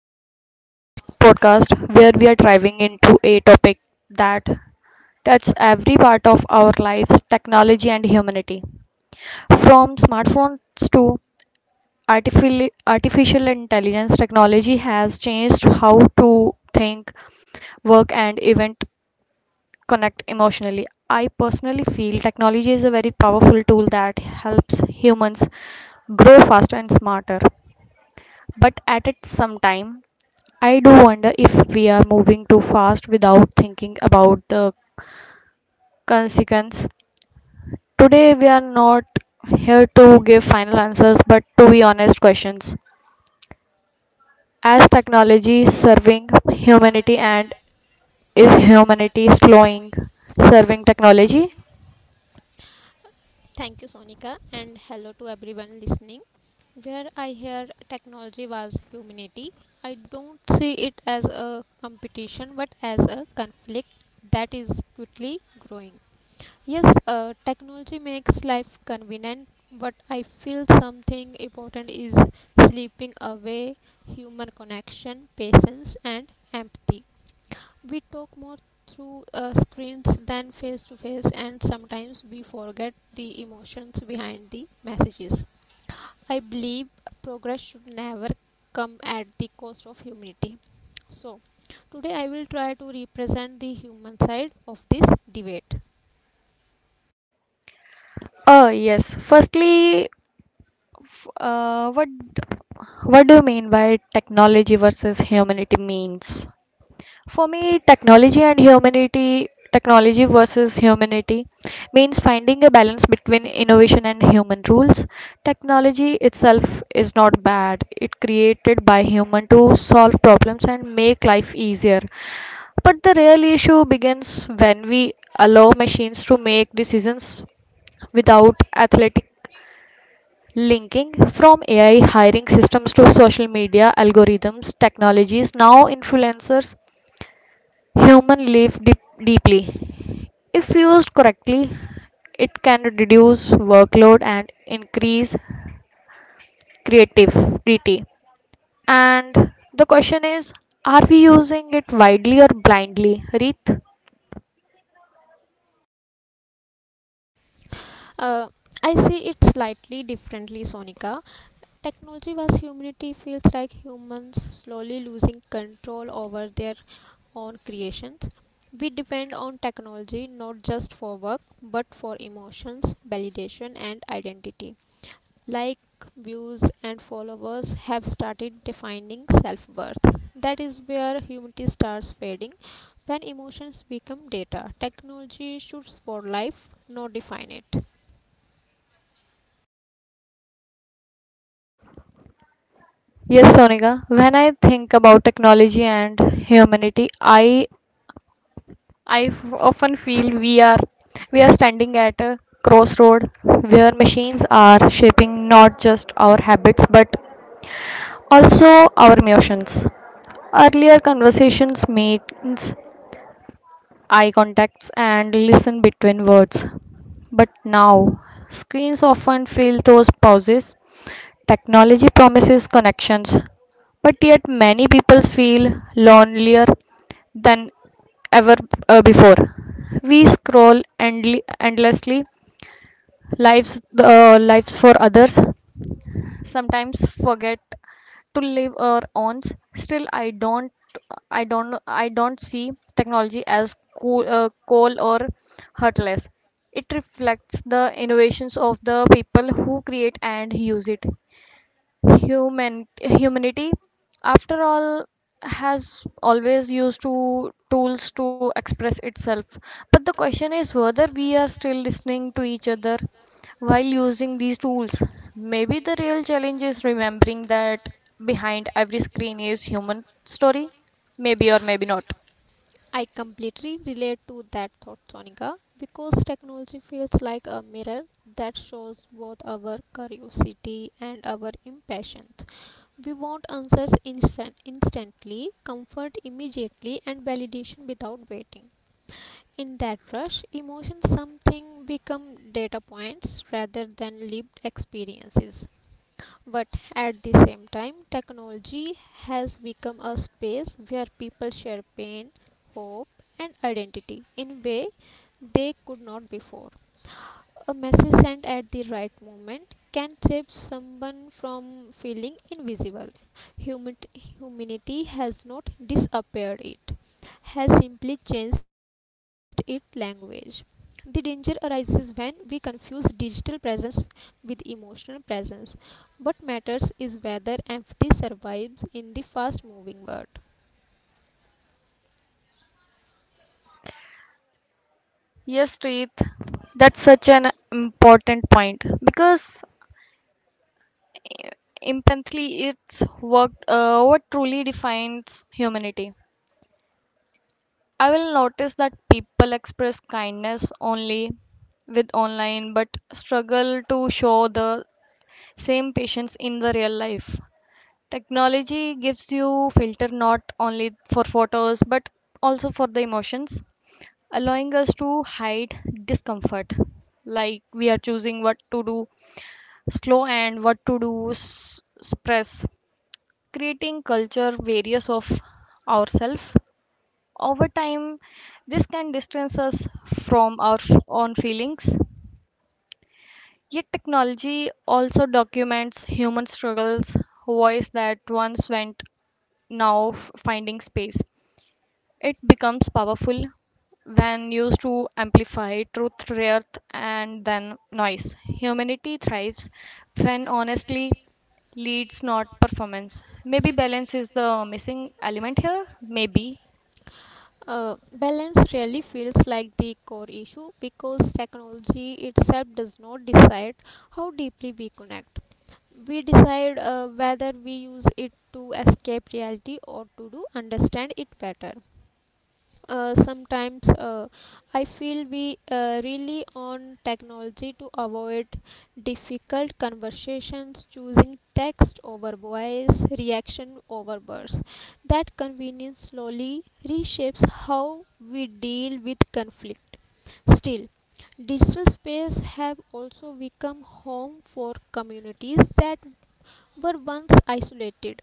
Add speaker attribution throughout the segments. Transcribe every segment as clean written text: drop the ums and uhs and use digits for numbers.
Speaker 1: Welcome to today's podcast where we are diving into a topic that touches every part of our lives, technology and humanity. From smartphones to artificial intelligence, technology has changed how to think, work and even connect emotionally. I personally feel technology is a very powerful tool that helps humans grow faster and smarter but at it some time, I do wonder if we are moving too fast without thinking about the consequence. Today we are not here to give final answers but to be honest questions. As technology serving humanity and is humanity slowing serving technology?
Speaker 2: Thank you, Sonika, and hello to everyone listening. Where I hear technology was humanity, I don't see it as a competition but as a conflict that is quickly growing. Yes, technology makes life convenient, but I feel something important is sleeping away human connection, patience, and empathy. We talk more through screens than face to face, and sometimes we forget the emotions behind the messages. I believe progress should never come at the cost of humanity. So, today I will try to represent the human side of this debate.
Speaker 1: Oh yes. Firstly, uh, what what do you mean by technology versus humanity means? For me, technology and humanity, technology versus humanity means finding a balance between innovation and human rules. Technology itself is not bad. It created by human to solve problems and make life easier. But the real issue begins when we allow machines to make decisions without athletic linking from AI hiring systems to social media algorithms, technologies, now influencers human live deep, deeply. If used correctly, it can reduce workload and increase creativity. And the question is, are we using it widely or blindly, Reet?
Speaker 2: Uh, I see it slightly differently, Sonika. Technology was humanity feels like humans slowly losing control over their On creations. We depend on technology not just for work but for emotions, validation, and identity. Like views and followers have started defining self worth. That is where humanity starts fading. When emotions become data, technology should support life, not define it.
Speaker 1: Yes, Sonika. When I think about technology and humanity, I often feel we are standing at a crossroad where machines are shaping not just our habits but also our emotions. Earlier conversations made eye contacts, and listen between words. But now, screens often fill those pauses. Technology promises connections, but yet many people feel lonelier than ever before. We endlessly, lives for others, sometimes forget to live our own still I don't see technology as cool, coal or heartless. It reflects the innovations of the people who create and use it. Humanity, after all, has always used to tools to express itself, but the question is whether we are still listening to each other while using these tools. Maybe the real challenge is remembering that behind every screen is human story. Maybe or maybe not.
Speaker 2: I completely relate to that thought, Sonika, because technology feels like a mirror that shows both our curiosity and our impatience. We want answers instantly, comfort immediately, and validation without waiting. In that rush, emotions something become data points rather than lived experiences, but at the same time technology has become a space where people share pain, hope, and identity in a way they could not before. A message sent at the right moment can save someone from feeling invisible. Humanity has not disappeared, it has simply changed its language. The danger arises when we confuse digital presence with emotional presence. What matters is whether empathy survives in the fast moving world.
Speaker 1: Yes, Preet, that's such an important point because eh, empathy, it's what truly defines humanity. I will notice that people express kindness only with online but struggle to show the same patience in the real life. Technology gives you filter not only for photos but also for the emotions, allowing us to hide discomfort. Like we are choosing what to do slow and what to express, creating culture various of ourselves over time, this can distance us from own feelings. Yet, technology also documents human struggles, voice that once went finding space. It becomes powerful when used to amplify truth, rather and then noise. Humanity thrives when honestly leads not performance. Maybe balance is the missing element here. Maybe.
Speaker 2: Balance really feels like the core issue because technology itself does not decide how deeply we connect. We decide whether we use it to escape reality or to do understand it better. Sometimes I feel we really on technology to avoid difficult conversations, choosing text over voice, reaction over words. That convenience slowly reshapes how we deal with conflict. Still, digital space have also become home for communities that were once isolated.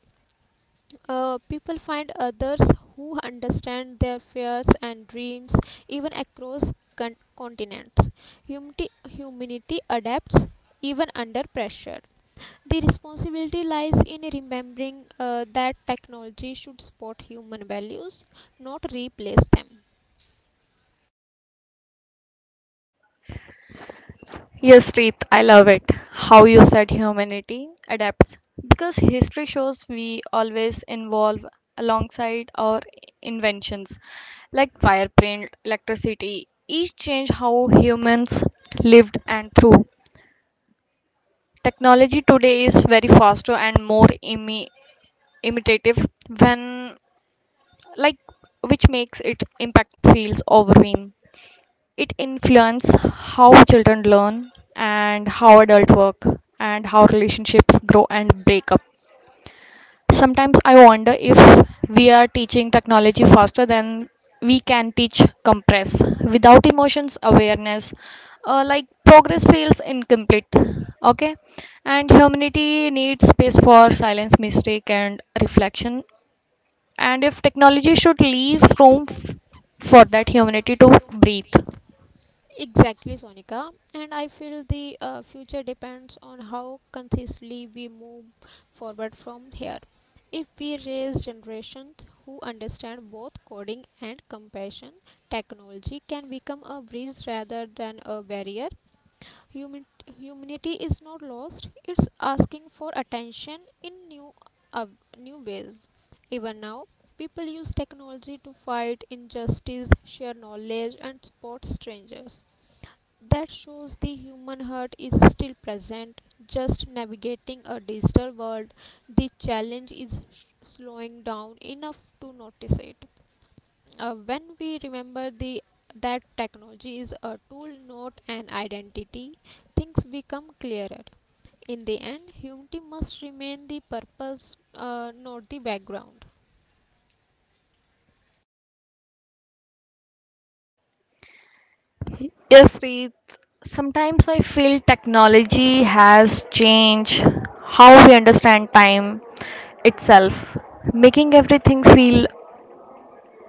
Speaker 2: People find others who understand their fears and dreams, even across continents. Humanity adapts even under pressure. The responsibility lies in remembering that technology should support human values, not replace them.
Speaker 1: Yes, Reet, I love it. How you said humanity adapts. Because history shows we always evolve alongside our inventions, like fire, print, electricity. Each change how humans lived and through. Technology today is very faster and more imitative when like, which makes its impact feels overwhelming. It influences how children learn and how adults work and how relationships grow and break up. Sometimes I wonder if we are teaching technology faster than we can teach compress without emotions awareness, like progress feels incomplete. Okay. And humanity needs space for silence mistake and reflection, and if technology should leave room for that humanity to breathe.
Speaker 2: Exactly, Sonika. And I feel the future depends on how consistently we move forward from here. If we raise generations who understand both coding and compassion, technology can become a bridge rather than a barrier. Human- Humanity is not lost, it's asking for attention in uh, new ways. Even now, people use technology to fight injustice, share knowledge, and support strangers. That shows the human heart is still present, just navigating a digital world. The challenge is slowing down enough to notice it. When we remember the that technology is a tool, not an identity, things become clearer. In the end, humanity must remain the purpose, not the background.
Speaker 1: Yes, Reed. Sometimes I feel technology has changed how we understand time itself, making everything feel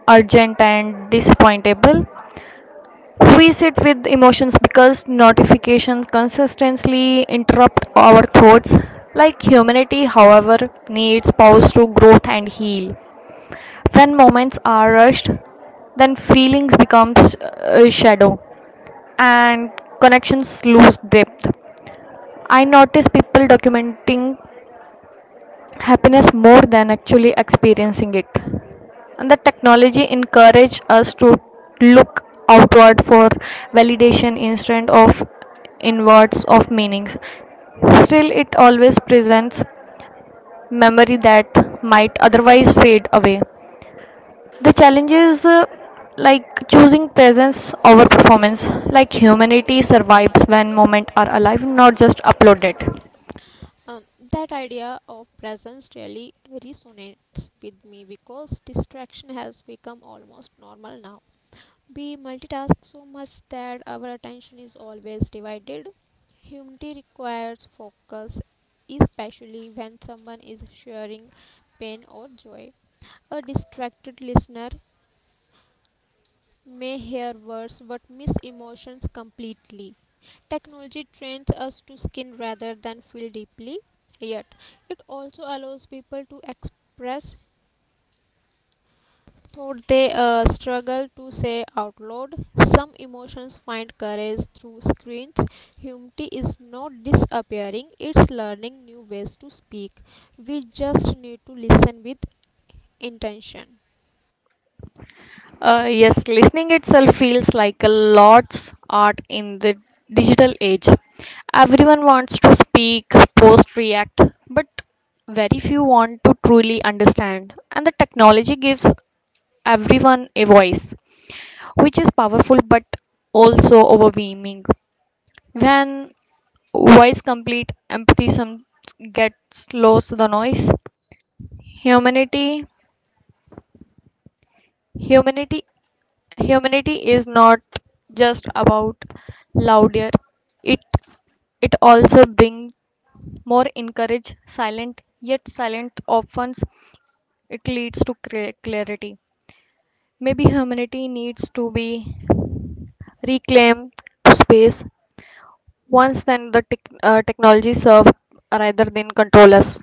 Speaker 1: urgent and disappointable. We sit with emotions because notifications consistently interrupt our thoughts. Like humanity, however, needs pause to growth and heal. When moments are rushed, then feelings becomes a shadow and connections lose depth. I notice people documenting happiness more than actually experiencing it. And the technology encourage us to look outward for validation instead of inwards of meanings. Still, it always presents memory that might otherwise fade away. The challenge is like choosing presence over performance. Like humanity survives when moments are alive, not just uploaded.
Speaker 2: um, that idea of presence really resonates with me because distraction has become almost normal now. We multitask so much that our attention is always divided. Humility requires focus, especially when someone is sharing pain or joy. A distracted listener may hear words but miss emotions completely. Technology trains us to skin rather than feel deeply, yet it also allows people to express though they struggle to say out loud. Some emotions find courage through screens. Humanity is not disappearing, it's learning new ways to speak. We just need to listen with intention.
Speaker 1: Yes, listening itself feels like a lost art in the digital age. Everyone wants to speak, post, react, but very few want to truly understand. And the technology gives everyone a voice, which is powerful but also overwhelming. When voice complete empathy some gets lost the noise. Humanity humanity humanity is not just about louder. It it also brings more encourage silent yet silent often it leads to clarity. Maybe humanity needs to be reclaimed to space once then the technology serve rather than control us.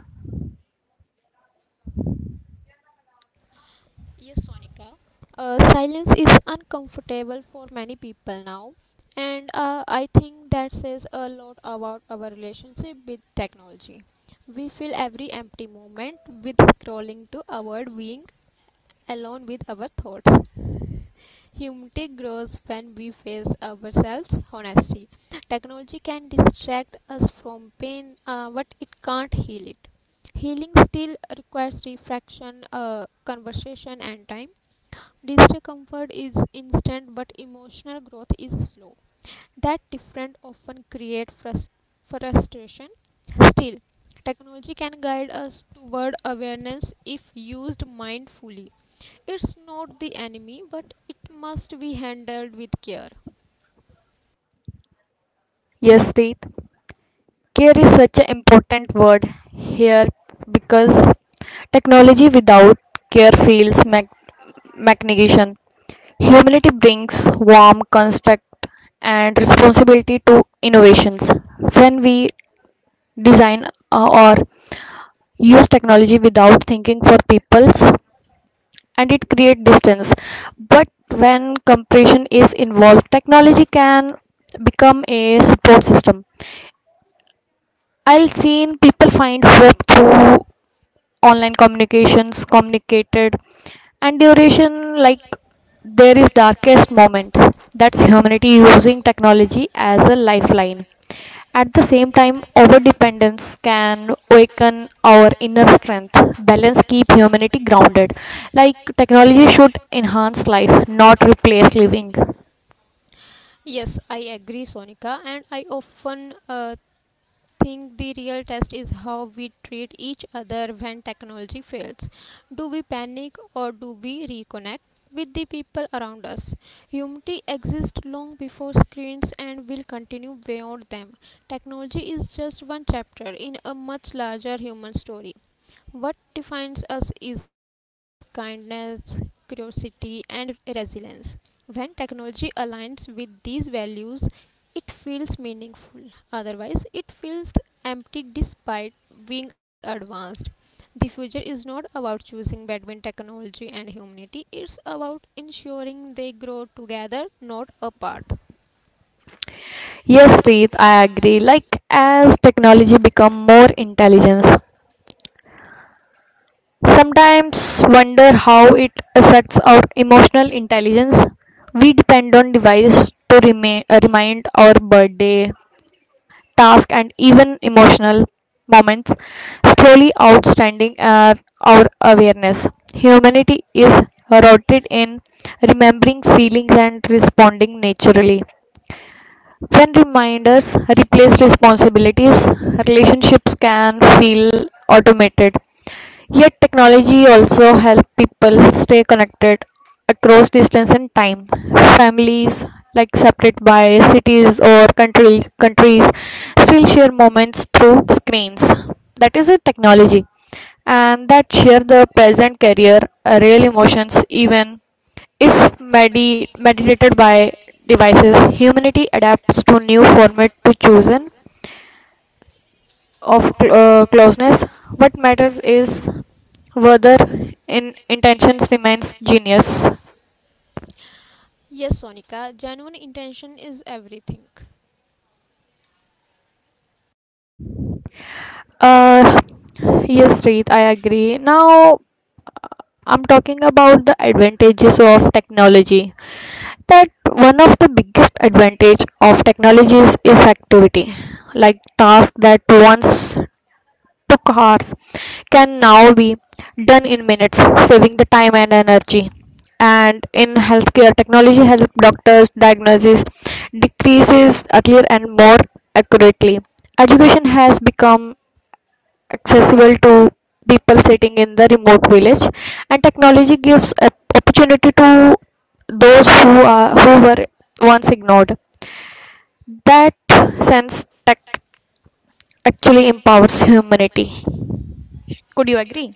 Speaker 2: Yes, Sonika. Silence is uncomfortable for many people now, and I think that says a lot about our relationship with technology. We fill every empty moment with scrolling to avoid being alone with our thoughts. Humility grows when we face ourselves honestly. Technology can distract us from pain, but it can't heal it. Healing still requires reflection, conversation, and time. Discomfort is instant, but emotional growth is slow. That difference often creates frustration. Still, technology can guide us toward awareness if used mindfully. It's not the enemy, but it must be handled with care.
Speaker 1: Yes, Reet. Care is such an important word here because technology without care feels magnification. Humility brings warm construct and responsibility to innovations. When we design, uh, or use technology without thinking for people's and it create distance, but when compression is involved technology can become a support system. I've seen people find hope through online communications, communicated, and duration like there is darkest moment. That's humanity using technology as a lifeline. At the same time, over dependence can awaken our inner strength. Balance keep humanity grounded. Like technology should enhance life, not replace living.
Speaker 2: Yes, I agree, Sonika, and I often think the real test is how we treat each other when technology fails. Do we panic or do we reconnect with the people around us? Humanity exists long before screens and will continue beyond them. Technology is just one chapter in a much larger human story. What defines us is kindness, curiosity, and resilience. When technology aligns with these values, it feels meaningful. Otherwise, it feels empty despite being advanced. The future is not about choosing between technology and humanity, it's about ensuring they grow together, not apart.
Speaker 1: Yes, Reet, I agree. Like as technology become more intelligence, sometimes wonder how it affects our emotional intelligence. We depend on devices to remind our birthday, task, and even emotional moments, slowly outstanding our awareness. Humanity is rooted in remembering feelings and responding naturally. When reminders replace responsibilities, relationships can feel automated. Yet technology also help people stay connected across distance and time. Families like separate by cities or country countries still share moments through screens. That is a technology, and that share the present career real emotions even if mediated by devices. Humanity adapts to new format to chosen of closeness. What matters is whether in intentions remains genius.
Speaker 2: Yes, Sonika, genuine intention is everything.
Speaker 1: Uh, yes, Reet, I agree. Now, uh, I'm talking about the advantages of technology. That one of the biggest advantage of technology is effectivity. Like tasks that once took hours can now be done in minutes, saving the time and energy. And in healthcare, technology helps doctors diagnose decreases earlier and more accurately. Education has become accessible to people sitting in the remote village, and technology gives a opportunity to those who are who were once ignored. That sense tech actually empowers humanity. Could you agree?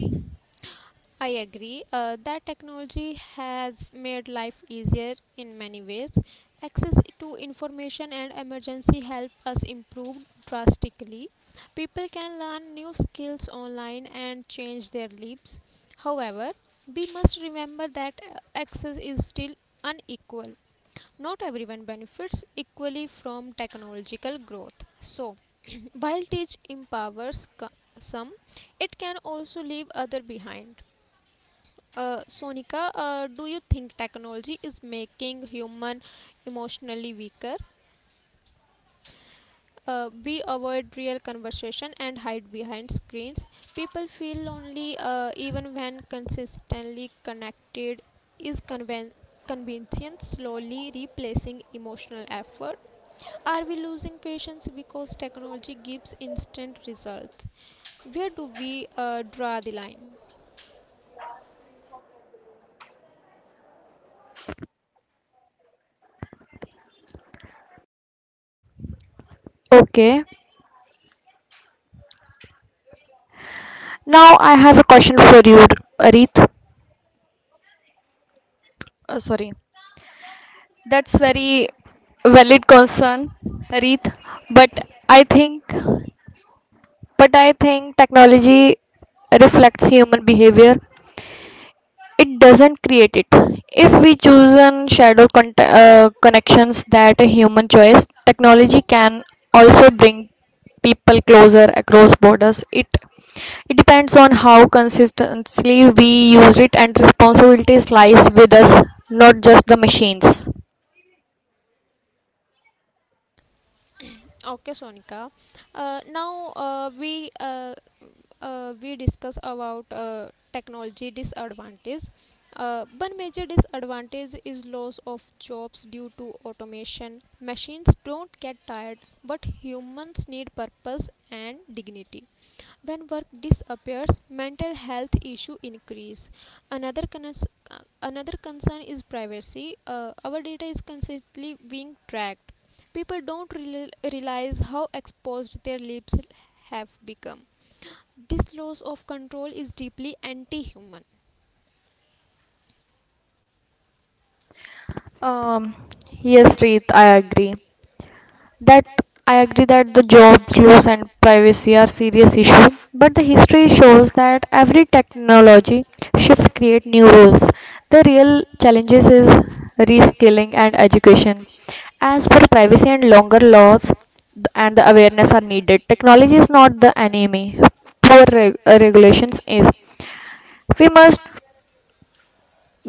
Speaker 2: I agree that technology has made life easier in many ways. Access to information and emergency help us improve drastically. People can learn new skills online and change their lives. However, we must remember that access is still unequal. Not everyone benefits equally from technological growth. So, while tech empowers some, it can also leave other behind. Sonika, do you think technology is making human emotionally weaker? We avoid real conversation and hide behind screens. People feel lonely even when consistently connected. Is convenience slowly replacing emotional effort? Are we losing patience because technology gives instant results? Where do we draw the line?
Speaker 1: Okay. Now I have a question for you, Arith. Sorry. That's very valid concern, Arith. But I think, I think technology reflects human behavior. It doesn't create it. If we choose an shadow connections that a human choice, technology can also bring people closer across borders. It depends on how consistently we use it, and responsibilities lies with us, not just the machines.
Speaker 2: Okay, Sonika. Now we discuss about technology disadvantage. One major disadvantage is loss of jobs due to automation. Machines don't get tired, but humans need purpose and dignity. When work disappears, mental health issue increase. Another cons- Another concern is privacy. Our data is constantly being tracked. People don't realize how exposed their lives have become. This loss of control is deeply anti human.
Speaker 1: um yes, Reet, that I agree that the job loss and privacy are serious issue, but the history shows that every technology shift create new roles. The real challenges is reskilling and education. As for privacy and longer laws and the awareness are needed, technology is not the enemy. Poor regulations is. We must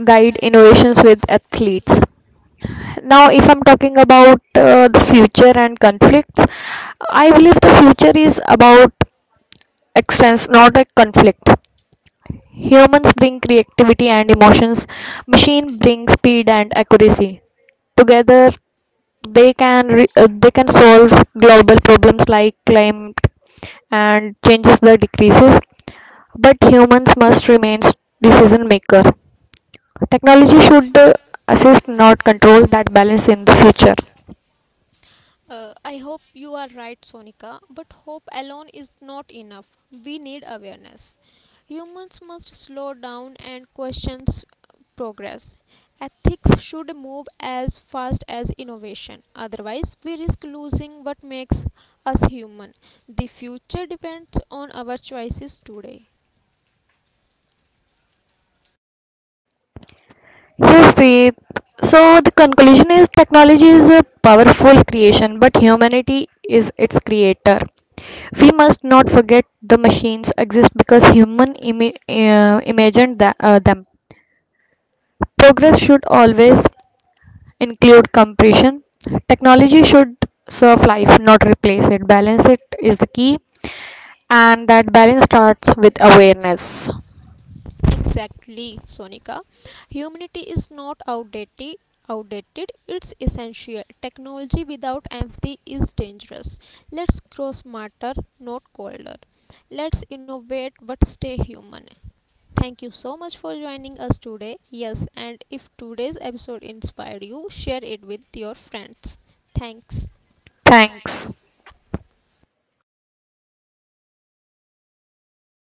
Speaker 1: guide innovations with athletes. Now, if I'm talking about the future and conflicts, I believe the future is about extents, not a conflict. Humans bring creativity and emotions, machine brings speed and accuracy. Together, they can they can solve global problems like climate and changes that decreases. But humans must remain decision maker. Technology should assist, not control that balance in the future.
Speaker 2: I hope you are right, Sonika, but hope alone is not enough. We need awareness. Humans must slow down and question progress. Ethics should move as fast as innovation. Otherwise, we risk losing what makes us human. The future depends on our choices today.
Speaker 1: Yes, Preet. So the conclusion is technology is a powerful creation, but humanity is its creator. We must not forget the machines exist because human imagined them. Progress should always include compression. Technology should serve life, not replace it. Balance it is the key, and that balance starts with awareness.
Speaker 2: Exactly, Sonika. Humanity is not outdated. Outdated, it's essential. Technology without empathy is dangerous. Let's grow smarter, not colder. Let's innovate but stay human. Thank you so much for joining us today. Yes, and if today's episode inspired you, share it with your friends. Thanks.
Speaker 1: Thanks.